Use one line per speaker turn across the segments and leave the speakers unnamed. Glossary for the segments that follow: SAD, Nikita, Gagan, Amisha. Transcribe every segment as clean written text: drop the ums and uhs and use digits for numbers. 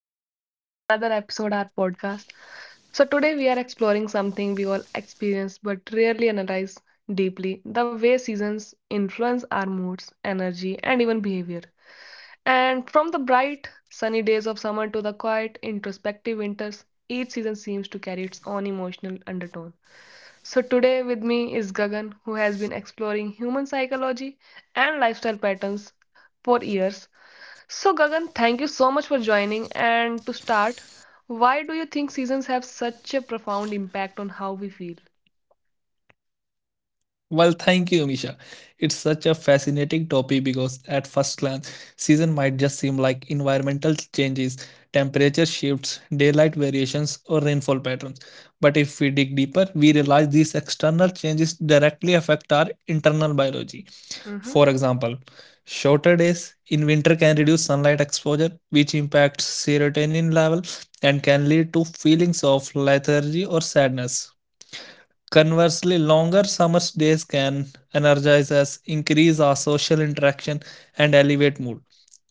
welcome back to another episode of our podcast. So, today we are exploring something we all experience but rarely analyze deeply the way seasons influence our moods, energy, and even behavior. And from the bright, sunny days of summer to the quiet, introspective winters, each season seems to carry its own emotional undertone. So, today with me is Gagan, who has been exploring human psychology and lifestyle patterns for years so, Gagan, thank you so much for joining. And to start, why do you think seasons have such a profound impact on how we feel?
Well, thank you, Misha. It's such a fascinating topic because at first glance, season might just seem like environmental changes, temperature shifts, daylight variations, or rainfall patterns. But if we dig deeper, we realize these external changes directly affect our internal biology. For
Mm-hmm,
example, shorter days in winter can reduce sunlight exposure, which impacts serotonin level and can lead to feelings of lethargy or sadness. Conversely, longer summer days can energize us, increase our social interaction, and elevate mood.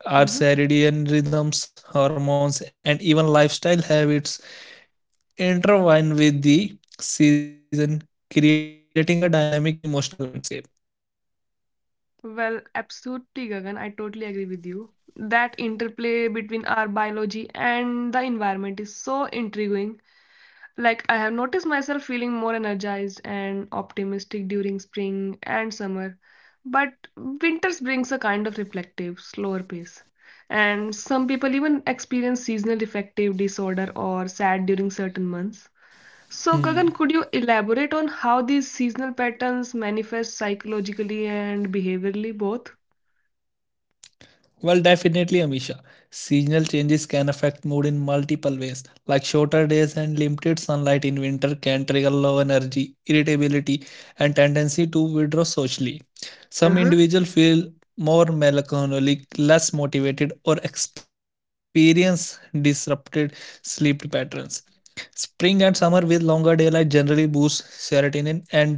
Our
mm-hmm.
circadian rhythms, hormones, and even lifestyle habits intertwine with the season, creating a dynamic emotional landscape.
Well, absolutely, Gagan. I totally agree with you. That interplay between our biology and the environment is so intriguing. Like, I have noticed myself feeling more energized and optimistic during spring and summer, but winters brings a kind of reflective, slower pace. And some people even experience seasonal affective disorder or sad during certain months.
Hmm.
So, Gagan, could you elaborate on how these seasonal patterns manifest psychologically and behaviorally both?
Well, definitely, Amisha. Seasonal changes can affect mood in multiple ways, like shorter days and limited sunlight in winter can trigger low energy, irritability, and tendency to withdraw socially. Some individuals
Uh-huh.
feel more melancholic, less motivated, or experience disrupted sleep patterns. Spring and summer with longer daylight generally boost serotonin and dopamine level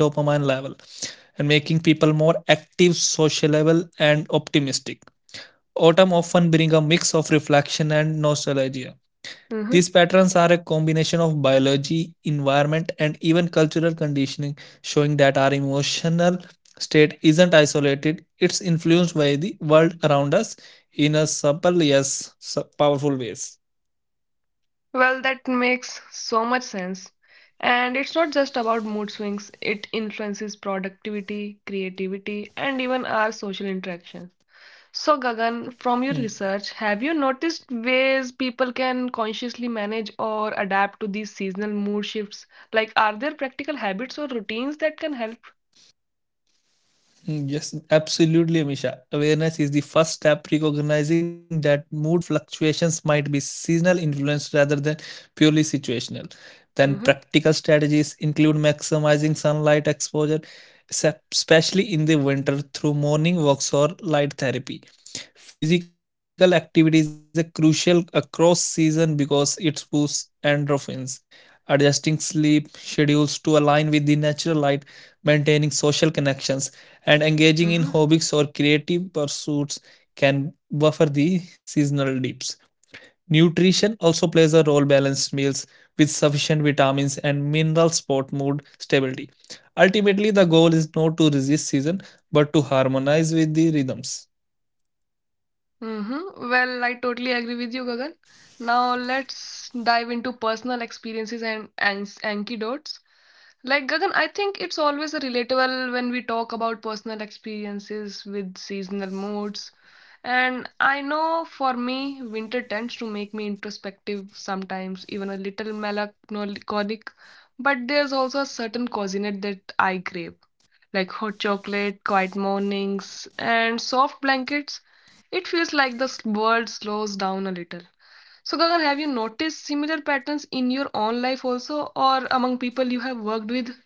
and making people more active, sociable, and optimistic. Autumn often brings a mix of reflection and nostalgia. These
Uh-huh.
patterns are a combination of biology, environment, and even cultural conditioning, showing that our emotional state isn't isolated, it's influenced by the world around us in a subtle yet powerful ways.
Well, that makes so much sense. And it's not just about mood swings, it influences productivity, creativity, and even our social interactions. So,
Hmm.
Gagan, from your research, have you noticed ways people can consciously manage or adapt to these seasonal mood shifts? Like, are there practical habits or routines that can help?
Yes, absolutely, Amisha. Awareness is the first step recognizing that mood fluctuations might be seasonal influence rather than purely situational. Then practical
Mm-hmm,
strategies include maximizing sunlight exposure, especially in the winter through morning walks or light therapy. Physical activity is a crucial across season because it boosts endorphins. Adjusting sleep schedules to align with the natural light, maintaining social connections and engaging in hobbies or
mm-hmm,
creative pursuits can buffer the seasonal dips. Nutrition also plays a role balanced meals with sufficient vitamins and minerals support mood stability. Ultimately the goal is not to resist season but to harmonize with the rhythms.
mm-hmm. Well, I totally agree with you, Gagan. Now, let's dive into personal experiences and antidotes. Like Gagan, I think it's always a relatable when we talk about personal experiences with seasonal moods. And I know for me, winter tends to make me introspective sometimes, even a little melancholic. But there's also a certain coziness that I crave, like hot chocolate, quiet mornings, and soft blankets. It feels like the world slows down a little. So, Gagan, have you noticed similar patterns in your own life also, or among people you have worked with?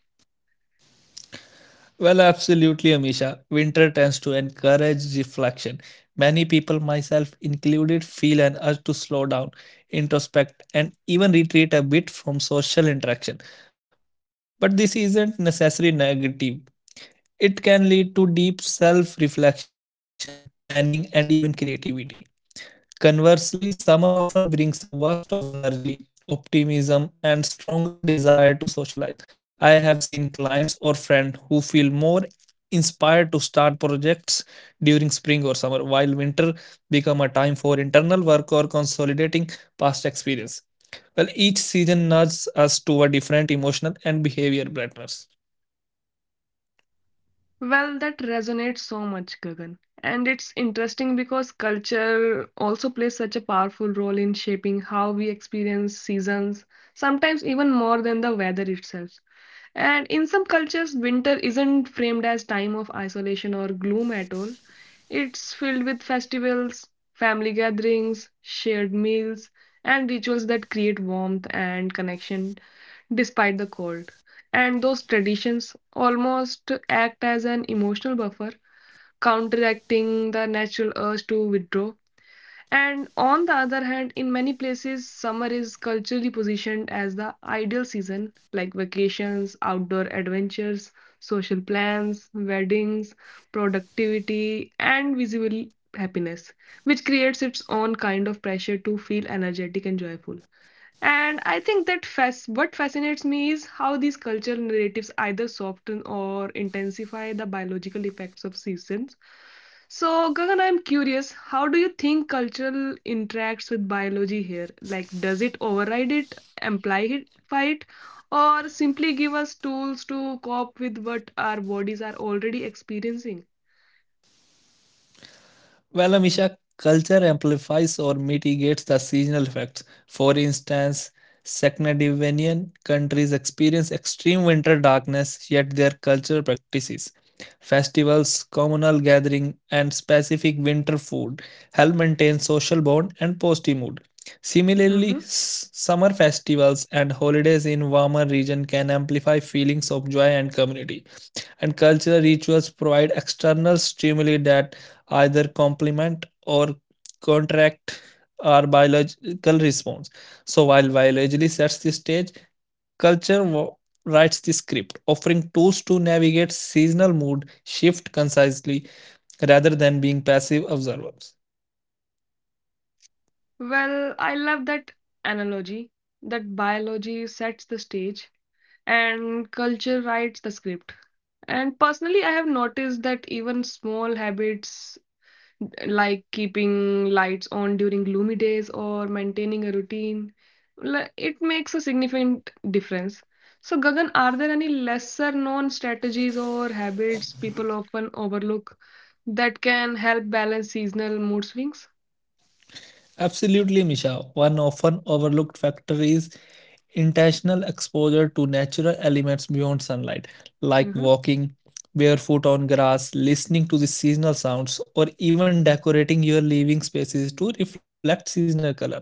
Well, absolutely, Amisha. Winter tends to encourage reflection. Many people, myself included, feel an urge to slow down, introspect, and even retreat a bit from social interaction. But this isn't necessarily negative, it can lead to deep self reflection, planning, and even creativity. Conversely, summer often brings a burst of energy, optimism, and stronger desire to socialize. I have seen clients or friends who feel more inspired to start projects during spring or summer, while winter become a time for internal work or consolidating past experience. Well, each season nudges us toward different emotional and behavior patterns.
Well, that resonates so much, Gagan. And it's interesting because culture also plays such a powerful role in shaping how we experience seasons, sometimes even more than the weather itself. And in some cultures, winter isn't framed as time of isolation or gloom at all. It's filled with festivals, family gatherings, shared meals, and rituals that create warmth and connection despite the cold and those traditions almost act as an emotional buffer, counteracting the natural urge to withdraw. And on the other hand, in many places, summer is culturally positioned as the ideal season, like vacations, outdoor adventures, social plans, weddings, productivity, and visible happiness, which creates its own kind of pressure to feel energetic and joyful. And I think that what fascinates me is how these cultural narratives either soften or intensify the biological effects of seasons. So, Gagan, I'm curious, how do you think cultural interacts with biology here? Like, does it override it, amplify it, or simply give us tools to cope with what our bodies are already experiencing?
Well, Amisha, culture amplifies or mitigates the seasonal effects. For instance, Scandinavian countries experience extreme winter darkness, yet their cultural practices, festivals, communal gathering, and specific winter food help maintain social bond and positive mood. Similarly,
Hmm.
summer festivals and holidays in warmer region can amplify feelings of joy and community and cultural rituals provide external stimuli that either complement or contract our biological response. So, while biology sets the stage, culture writes the script, offering tools to navigate seasonal mood shift concisely rather than being passive observers.
Well, I love that analogy that biology sets the stage and culture writes the script. And personally, I have noticed that even small habits like keeping lights on during gloomy days or maintaining a routine, it makes a significant difference. So, Gagan, are there any lesser known strategies or habits people often overlook that can help balance seasonal mood swings?
Absolutely, Misha. One often overlooked factor is intentional exposure to natural elements beyond sunlight, like
Mm-hmm.
walking barefoot on grass, listening to the seasonal sounds, or even decorating your living spaces to reflect seasonal colors.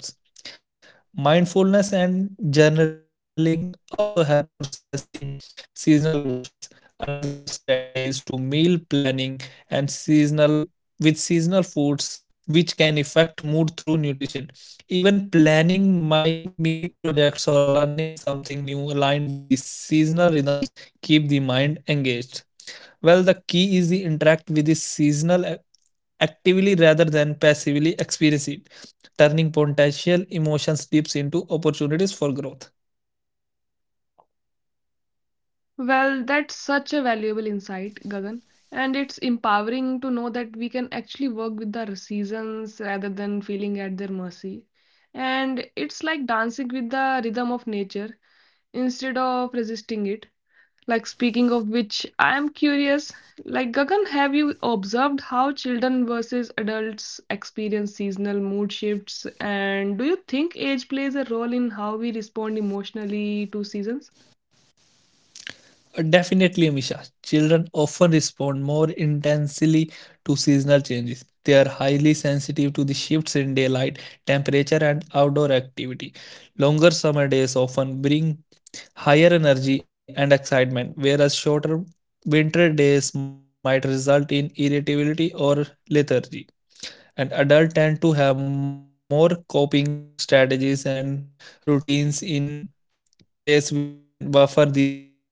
Mindfulness and journaling also help processing seasonal emotions. Another strategy is to meal planning and seasonal with seasonal foods which can affect mood through nutrition. Even planning mine mini projects or learning something new aligned with the seasonal rhythms keep the mind engaged. Well, the key is the interact with the seasonal actively rather than passively experiencing turning potential emotions dips into opportunities for growth.
Well, that's such a valuable insight, Gagan. And it's empowering to know that we can actually work with the seasons rather than feeling at their mercy. And it's like dancing with the rhythm of nature instead of resisting it. Like, speaking of which, I am curious, like, Gagan, have you observed how children versus adults experience seasonal mood shifts? And do you think age plays a role in how we respond emotionally to seasons?
Definitely, Amisha. Children often respond more intensely to seasonal changes. They are highly sensitive to the shifts in daylight, temperature, and outdoor activity. Longer summer days often bring higher energy and excitement, whereas shorter winter days might result in irritability or lethargy. And adults tend to have more coping strategies and routines in place which when buffer these effects but they are not immune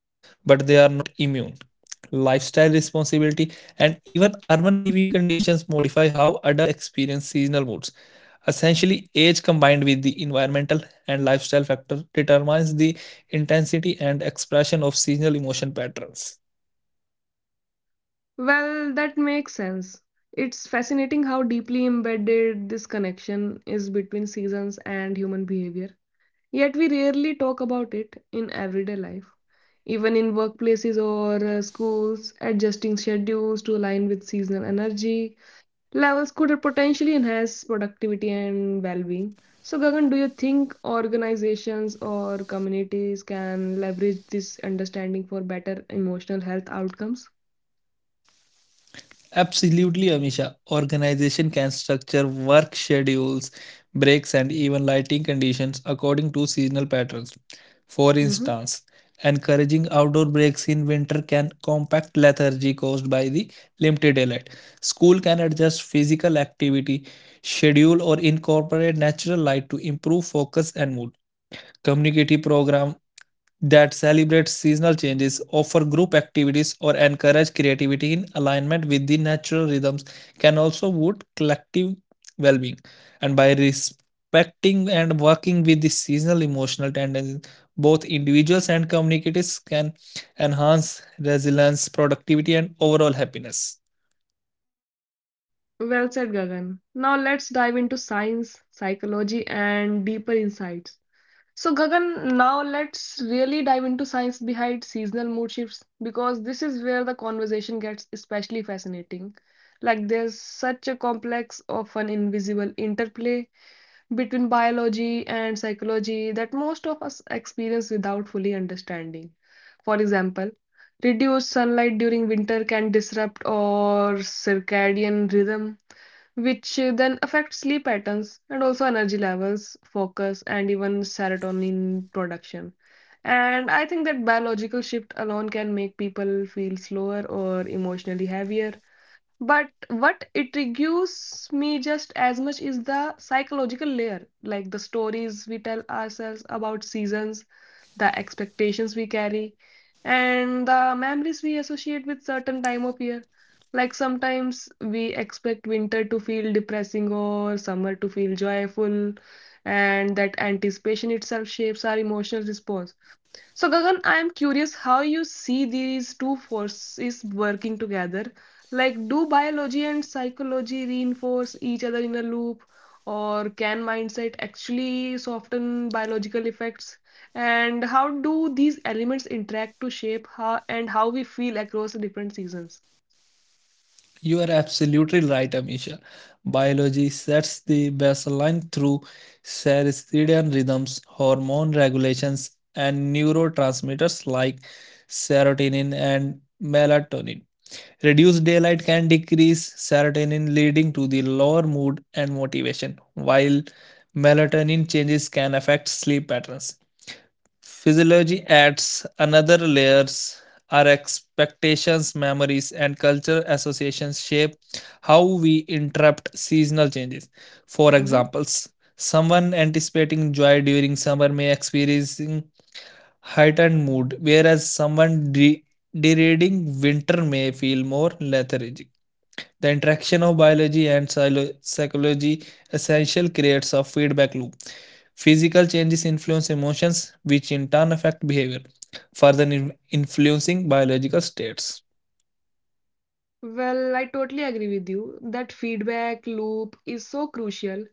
lifestyle responsibility and even urban living conditions modify how adults experience seasonal moods essentially age combined with the environmental and lifestyle factor determines the intensity and expression of seasonal emotion patterns.
Well, that makes sense. It's fascinating how deeply embedded this connection is between seasons and human behavior. Yet we rarely talk about it in everyday life. Even in workplaces or schools, adjusting schedules to align with seasonal energy levels could potentially enhance productivity and well being. So, Gagan, do you think organizations or communities can leverage this understanding for better emotional health outcomes?
Absolutely, Amisha. Organization can structure work schedules, breaks, and even lighting conditions according to seasonal patterns. For instance, encouraging outdoor breaks in winter can combat lethargy caused by the limited daylight. School can adjust physical activity schedule or incorporate natural light to improve focus and mood. Community program that celebrate seasonal changes, offer group activities, or encourage creativity in alignment with the natural rhythms can also boost collective well being. And by respecting and working with the seasonal emotional tendencies, both individuals and communities can enhance resilience, productivity, and overall happiness.
Well said, Gagan. Now let's dive into science, psychology, and deeper insights. So, Gagan, now let's really dive into science behind seasonal mood shifts because this is where the conversation gets especially fascinating. Like, there's such a complex, often invisible interplay between biology and psychology that most of us experience without fully understanding. For example, reduced sunlight during winter can disrupt our circadian rhythm, which then affects sleep patterns and also energy levels, focus, and even serotonin production. And I think that biological shift alone can make people feel slower or emotionally heavier but what intrigues me just as much is the psychological layer, like the stories we tell ourselves about seasons, the expectations we carry, and the memories we associate with certain time of year. Like sometimes we expect winter to feel depressing or summer to feel joyful, and that anticipation itself shapes our emotional response. So, Gagan, I am curious how you see these two forces working together. Like, do biology and psychology reinforce each other in a loop, or can mindset actually soften biological effects? And how do these elements interact to shape how and how we feel across the different seasons?
You are absolutely right, Amisha. Biology sets the baseline through circadian rhythms, hormone regulations, and neurotransmitters like serotonin and melatonin. Reduced daylight can decrease serotonin, leading to the lower mood and motivation, while melatonin changes can affect sleep patterns. Physiology adds another layers. Our expectations, memories, and cultural associations shape how we interpret seasonal changes. For
Mhm.
examples, someone anticipating joy during summer may experiencing heightened mood, whereas someone dreading winter may feel more lethargic. The interaction of biology and psychology essentially creates a feedback loop. Physical changes influence emotions, which in turn affect behavior, further influencing biological states.
Well, I totally agree with you that feedback loop is so crucial.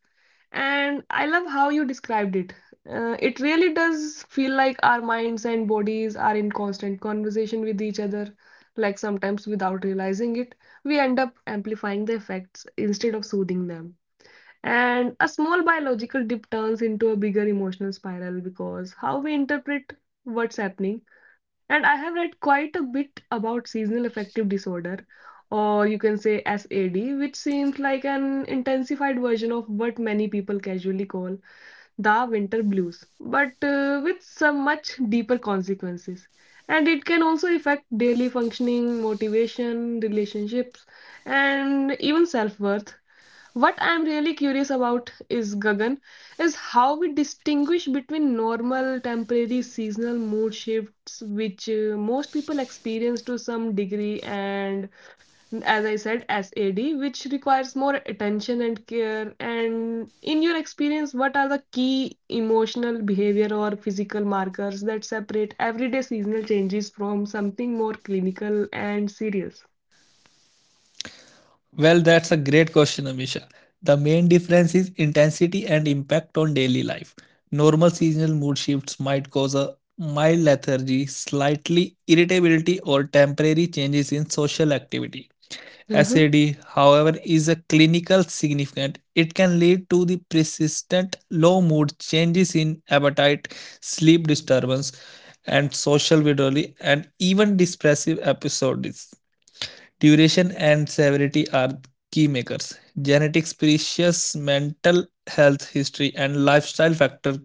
And I love how you described it. It really does feel like our minds and bodies are in constant conversation with each other, like sometimes without realizing it, we end up amplifying the effects instead of soothing them. And a small biological dip turns into a bigger emotional spiral because how we interpret what's happening and I have read quite a bit about seasonal affective disorder, or you can say SAD, which seems like an intensified version of what many people casually call the winter blues, but with some much deeper consequences. And it can also affect daily functioning, motivation, relationships, and even self worth. What I'm really curious about is Gagan, is how we distinguish between normal, temporary, seasonal mood shifts, which most people experience to some degree, and as I said, SAD, which requires more attention and care. And in your experience, what are the key emotional, behavior, or physical markers that separate everyday seasonal changes from something more clinical and serious?
Well, that's a great question, Amisha. The main difference is intensity and impact on daily life. Normal seasonal mood shifts might cause a mild lethargy, slightly irritability, or temporary changes in social activity.
Mm-hmm.
SAD, however, is a clinical significant. It can lead to the persistent low mood, changes in appetite, sleep disturbance, and social withdrawal, and even depressive episodes. Duration and severity are key makers. Genetics, precious mental health history, and lifestyle factor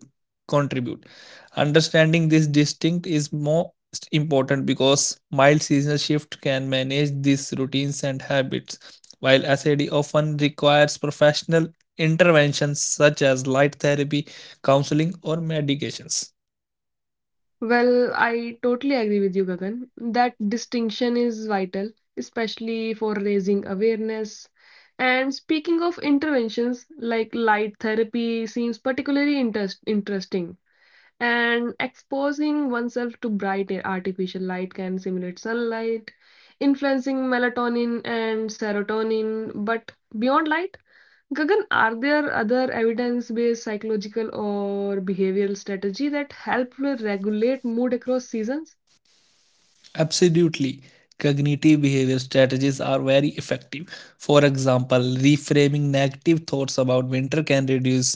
contribute. Understanding this distinct is most important because mild seasonal shift can manage these routines and habits, while SAD often requires professional interventions such as light therapy, counseling, or medications.
Well, I totally agree with you, Gagan. That distinction is vital, especially for raising awareness. And speaking of interventions, like light therapy seems particularly interesting. And exposing oneself to bright artificial light can simulate sunlight, influencing melatonin and serotonin. But beyond light, Gagan, are there other evidence-based psychological or behavioral strategy that help regulate mood across seasons?
Absolutely. Cognitive behavior strategies are very effective. For example, reframing negative thoughts about winter can reduce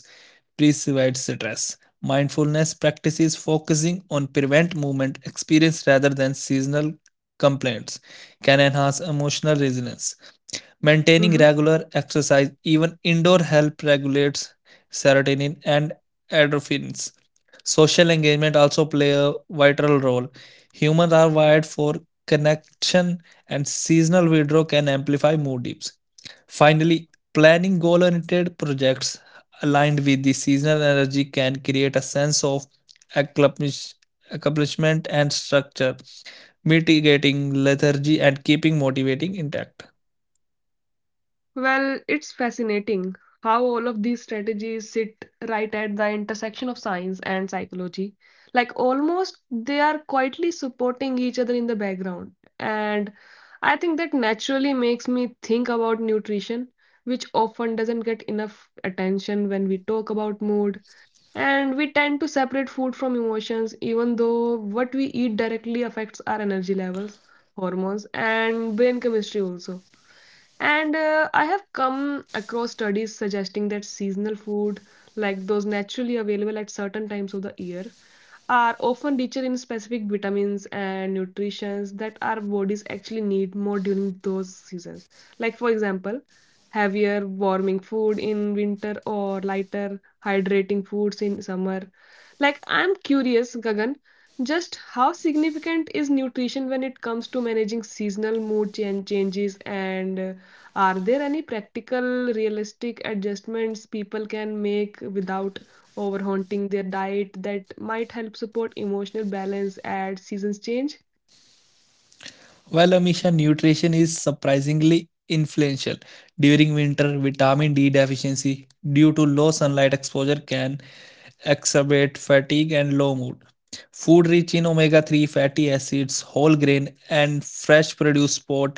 perceived stress. Mindfulness practices focusing on prevent movement experience rather than seasonal complaints can enhance emotional resilience. Maintaining
Mhm.
regular exercise, even indoor, help regulates serotonin and endorphins. Social engagement also play a vital role. Humans are wired for connection and seasonal withdrawal can amplify mood dips. Finally, planning goal-oriented projects aligned with the seasonal energy can create a sense of accomplish- accomplishment and structure, mitigating lethargy and keeping motivating intact.
Well, it's fascinating how all of these strategies sit right at the intersection of science and psychology. Like almost they are quietly supporting each other in the background. And I think that naturally makes me think about nutrition, which often doesn't get enough attention when we talk about mood. And we tend to separate food from emotions, even though what we eat directly affects our energy levels, hormones, and brain chemistry also. And I have come across studies suggesting that seasonal food, like those naturally available at certain times of the year, are often richer in specific vitamins and nutrients that our bodies actually need more during those seasons. Like, for example, heavier warming food in winter or lighter hydrating foods in summer. Like, I'm curious, Gagan, just how significant is nutrition when it comes to managing seasonal mood changes and are there any practical, realistic adjustments people can make without overhunting their diet that might help support emotional balance as seasons change.
While Amisha, nutrition is surprisingly influential. During winter, vitamin D deficiency due to low sunlight exposure can exacerbate fatigue and low mood. Food rich in omega 3 fatty acids, whole grain, and fresh produce support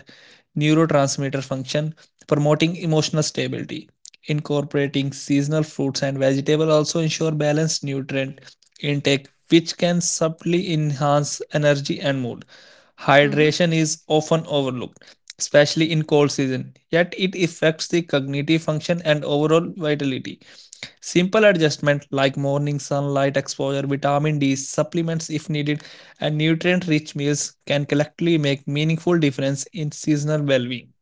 neurotransmitter function, promoting emotional stability. Incorporating seasonal fruits and vegetables also ensure balanced nutrient intake, which can subtly enhance energy and mood.
Mhm.
Hydration is often overlooked, especially in cold season, yet it affects the cognitive function and overall vitality. Simple adjustment like morning sunlight exposure, vitamin D, supplements if needed, and nutrient-rich meals can collectively make meaningful difference in seasonal well-being.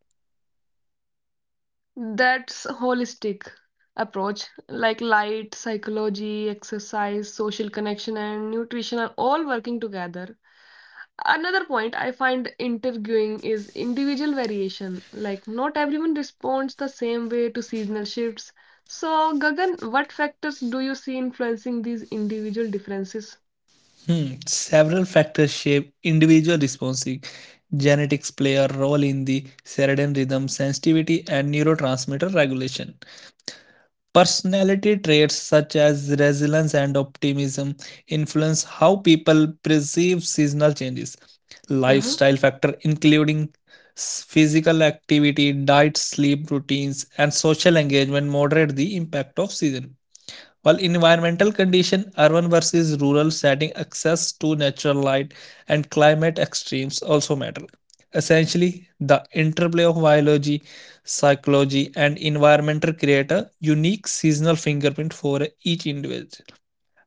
That's holistic approach, like light, psychology, exercise, social connection, and nutrition are all working together. Another point I find intriguing is individual variation. Like, not everyone responds the same way to seasonal shifts. So, Gagan, what factors do you see influencing these individual differences?
Hmm, several factors shape individual responses. Genetics play a role in the circadian rhythm sensitivity and neurotransmitter regulation. Personality traits such as resilience and optimism influence how people perceive seasonal changes.
Mm-hmm.
Lifestyle factors, including physical activity, diet, sleep routines, and social engagement moderate the impact of season. While environmental condition, urban versus rural setting, access to natural light, and climate extremes also matter. Essentially, the interplay of biology, psychology, and environmental create a unique seasonal fingerprint for each individual.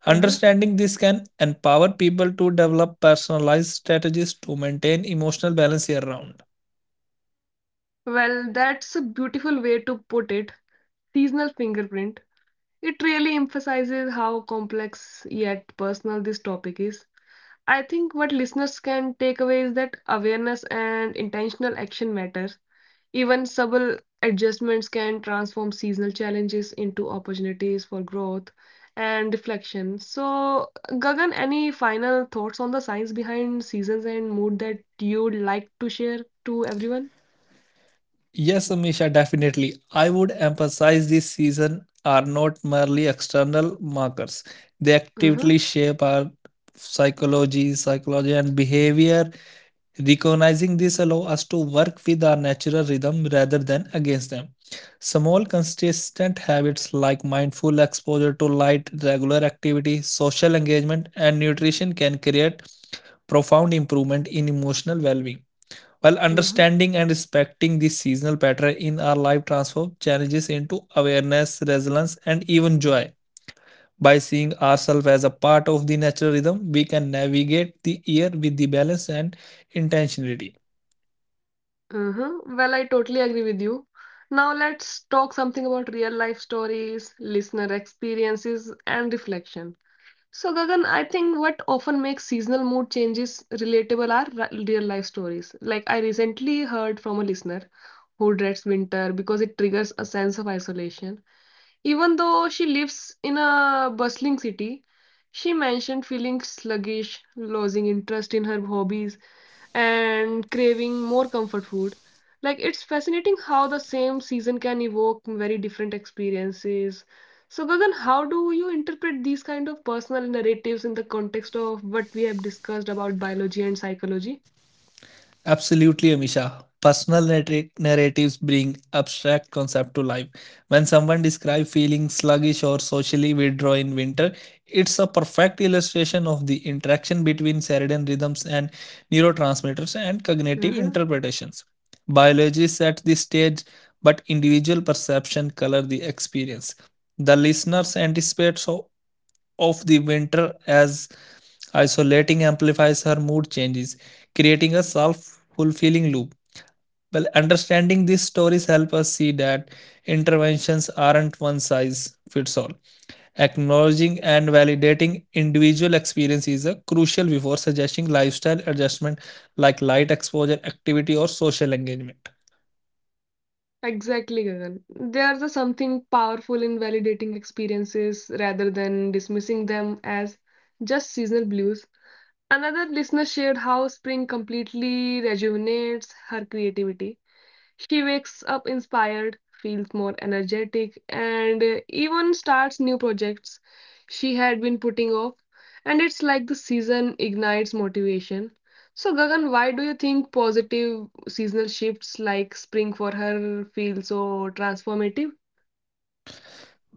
Understanding this can empower people to develop personalized strategies to maintain emotional balance year round.
Well, that's a beautiful way to put it. Seasonal fingerprint. It really emphasizes how complex yet personal this topic is. I think what listeners can take away is that awareness and intentional action matter. Even subtle adjustments can transform seasonal challenges into opportunities for growth and reflection. So, Gagan, any final thoughts on the science behind seasons and mood that you'd like to share to everyone?
Yes, Amisha, definitely. I would emphasize this season are not merely external markers. They
Uh-huh.
actively shape our psychology and behavior. Recognizing this allow us to work with our natural rhythm rather than against them. Small consistent habits like mindful exposure to light, regular activity, social engagement and nutrition can create profound improvement in emotional well-being. While
Uh-huh.
understanding and respecting this seasonal pattern in our life transforms challenges into awareness, resilience, and even joy. By seeing ourselves as a part of the natural rhythm, we can navigate the year with the balance and intentionality.
Uh-huh. Well, I totally agree with you. Now let's talk something about real life stories, listener experiences, and reflection. So, Gagan, I think what often makes seasonal mood changes relatable are real life stories. Like, I recently heard from a listener who dreads winter because it triggers a sense of isolation. Even though she lives in a bustling city, she mentioned feeling sluggish, losing interest in her hobbies, and craving more comfort food. Like it's fascinating how the same season can evoke very different experiences. So Gagan, how do you interpret these kind of personal narratives in the context of what we have discussed about biology and psychology?
Absolutely, Amisha. Personal narratives bring abstract concept to life. When someone describes feeling sluggish or socially withdrawn in winter, it's a perfect illustration of the interaction between circadian rhythms and neurotransmitters and cognitive
Mm-hmm.
interpretations. Biology sets the stage, but individual perception color the experience. The listeners anticipate so of the winter as isolating amplifies her mood changes, creating a self fulfilling loop. Well, understanding these stories help us see that interventions aren't one size fits all. Acknowledging and validating individual experience is a crucial before suggesting lifestyle adjustment like light exposure, activity, or social engagement.
Exactly, Gagan. There's a something powerful in validating experiences rather than dismissing them as just seasonal blues. Another listener shared how spring completely rejuvenates her creativity. She wakes up inspired, feels more energetic, and even starts new projects she had been putting off. And it's like the season ignites motivation. So, Gagan, why do you think positive seasonal shifts like spring for her feel so transformative?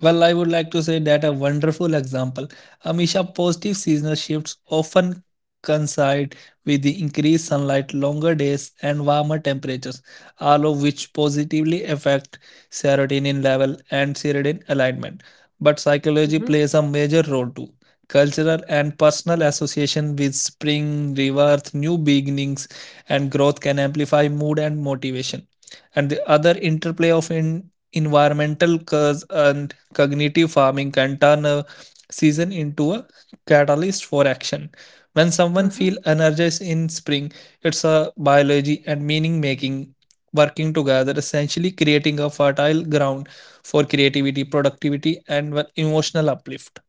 Well, I would like to say that a wonderful example. Amisha, positive seasonal shifts often coincide with the increased sunlight, longer days, and warmer temperatures, all of which positively affect serotonin level and circadian alignment. But psychology
Mm-hmm,
plays a major role too. Cultural and personal association with spring, rebirth, new beginnings, and growth can amplify mood and motivation. And the other interplay of in environmental causes and cognitive farming can turn a season into a catalyst for action. When someone
mm-hmm,
feels energized in spring, it's a biology and meaning making working together, essentially creating a fertile ground for creativity, productivity, and well, emotional uplift.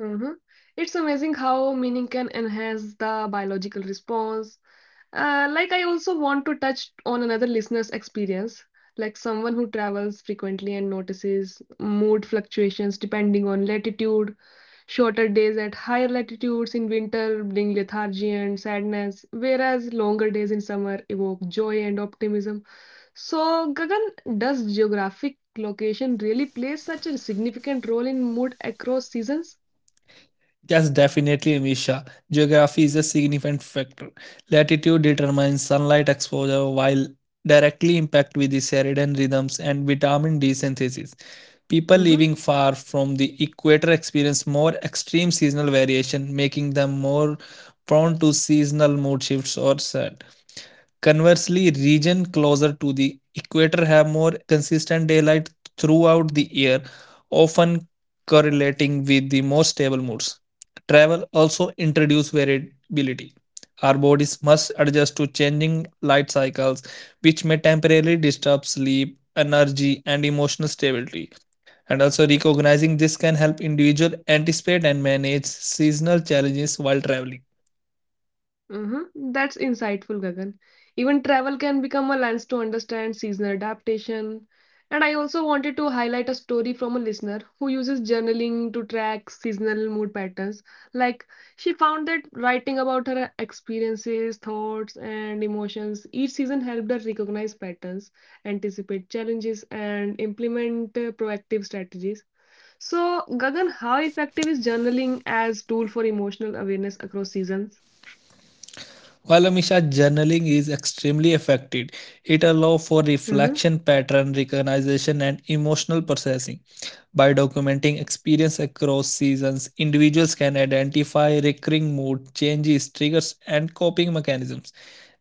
mm-hmm. It's amazing how meaning can enhance the biological response. Like, I also want to touch on another listener's experience, like someone who travels frequently and notices mood fluctuations depending on latitude. Shorter days at higher latitudes in winter bring lethargy and sadness, whereas longer days in summer evoke joy and optimism. So, Gagan, does geographic location really play such a significant role in mood across seasons?
Yes, definitely, Misha. Geography is a significant factor. Latitude determines sunlight exposure while directly impact with the circadian rhythms and vitamin D synthesis. People
Mm-hmm.
living far from the equator experience more extreme seasonal variation, making them more prone to seasonal mood shifts or stress. Conversely, regions closer to the equator have more consistent daylight throughout the year, often correlating with the more stable moods. Travel also introduces variability. Our bodies must adjust to changing light cycles, which may temporarily disturb sleep, energy, and emotional stability. And also, recognizing this can help individuals anticipate and manage seasonal challenges while traveling.
Mm-hmm. That's insightful, Gagan. Even travel can become a lens to understand seasonal adaptation. And I also wanted to highlight a story from a listener who uses journaling to track seasonal mood patterns. Like, she found that writing about her experiences, thoughts, and emotions each season helped her recognize patterns, anticipate challenges, and implement proactive strategies. So, Gagan, how effective is journaling as tool for emotional awareness across seasons?
While Amisha journaling is extremely effective, it allows for
Mm-hmm.
reflection, pattern recognition, and emotional processing. By documenting experience across seasons, individuals can identify recurring mood changes, triggers, and coping mechanisms.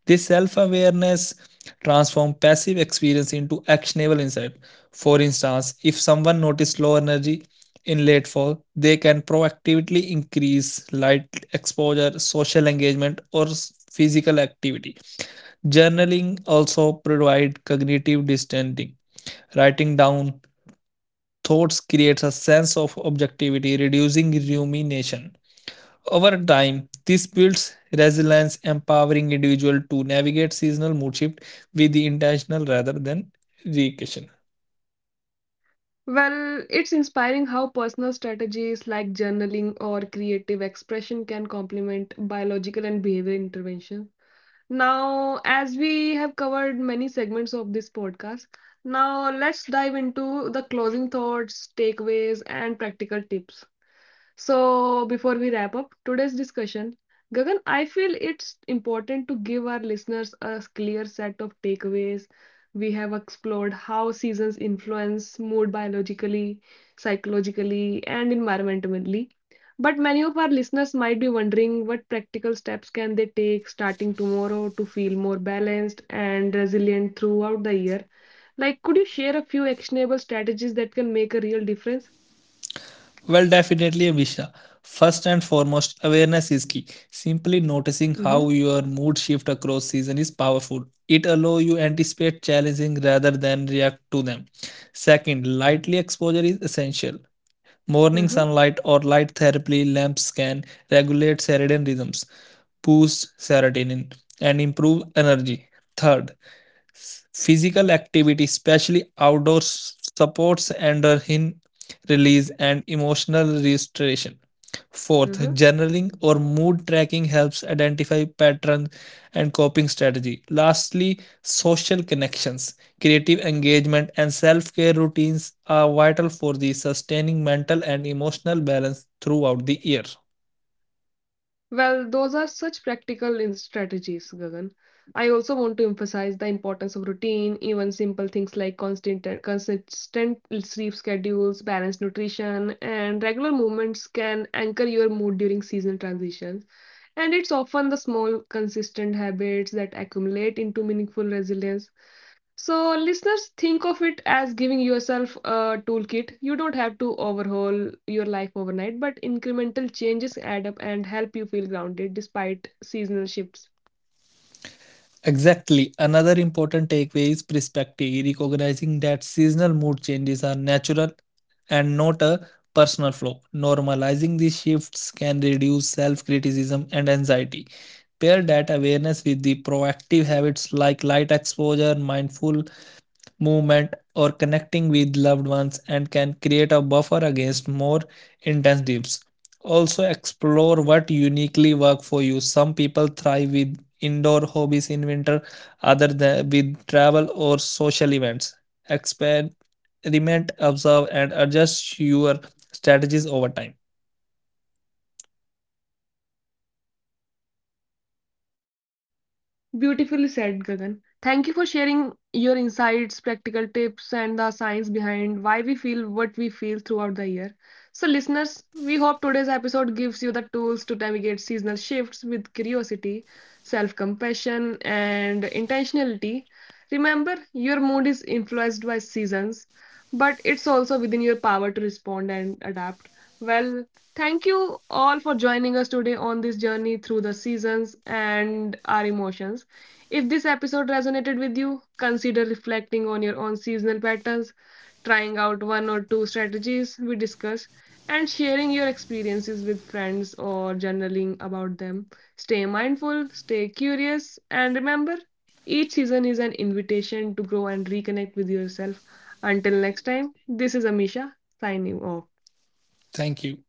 This self awareness transforms passive experience into actionable insight. For instance, if someone notices low energy in late fall, they can proactively increase light exposure, social engagement, or physical activity. Journaling also provides cognitive distancing. Writing down thoughts creates a sense of objectivity, reducing rumination. Over time, this builds resilience, empowering individual to navigate seasonal mood shift with the intentional rather than reaction.
Well, it's inspiring how personal strategies like journaling or creative expression can complement biological and behavior intervention. Now, as we have covered many segments of this podcast, now let's dive into the closing thoughts, takeaways, and practical tips. So, before we wrap up today's discussion, Gagan, I feel it's important to give our listeners a clear set of takeaways. We have explored how seasons influence mood biologically, psychologically, and environmentally. But many of our listeners might be wondering what practical steps can they take starting tomorrow to feel more balanced and resilient throughout the year. Like, could you share a few actionable strategies that can make a real difference?
Well, definitely, Abhisha. First and foremost, awareness is key. Simply noticing
Mm-hmm,
how your mood shift across season is powerful. It allows you anticipate challenging rather than react to them. Second, lightly exposure is essential. Morning
mm-hmm,
sunlight or light therapy lamps can regulate circadian rhythms, boost serotonin, and improve energy. Third, physical activity, especially outdoors, supports endorphin release and emotional restoration. Fourth,
mm-hmm.
journaling or mood tracking helps identify patterns and coping strategy. Lastly, social connections, creative engagement, and self-care routines are vital for the sustaining mental and emotional balance throughout the year.
Well, those are such practical strategies, Gagan. I also want to emphasize the importance of routine, even simple things like constant consistent sleep schedules, balanced nutrition, and regular movements can anchor your mood during seasonal transitions. And it's often the small, consistent habits that accumulate into meaningful resilience. So, listeners, think of it as giving yourself a toolkit. You don't have to overhaul your life overnight, but incremental changes add up and help you feel grounded despite seasonal shifts.
Exactly. Another important takeaway is perspective, recognizing that seasonal mood changes are natural and not a personal flaw. Normalizing these shifts can reduce self criticism and anxiety. Pair that awareness with the proactive habits like light exposure, mindful movement, or connecting with loved ones and can create a buffer against more intense dips. Also, explore what uniquely works for you. Some people thrive with indoor hobbies in winter, other than with travel or social events. Experiment, observe, and adjust your strategies over time.
Beautifully said, Gagan. Thank you for sharing your insights, practical tips, and the science behind why we feel what we feel throughout the year. So, listeners, we hope today's episode gives you the tools to navigate seasonal shifts with curiosity, self compassion, and intentionality. Remember, your mood is influenced by seasons, but it's also within your power to respond and adapt. Well, thank you all for joining us today on this journey through the seasons and our emotions. If this episode resonated with you, consider reflecting on your own seasonal patterns, trying out one or two strategies we discussed, and sharing your experiences with friends or journaling about them. Stay mindful, stay curious, and remember each season is an invitation to grow and reconnect with yourself. Until next time, this is Amisha signing off.
Thank you.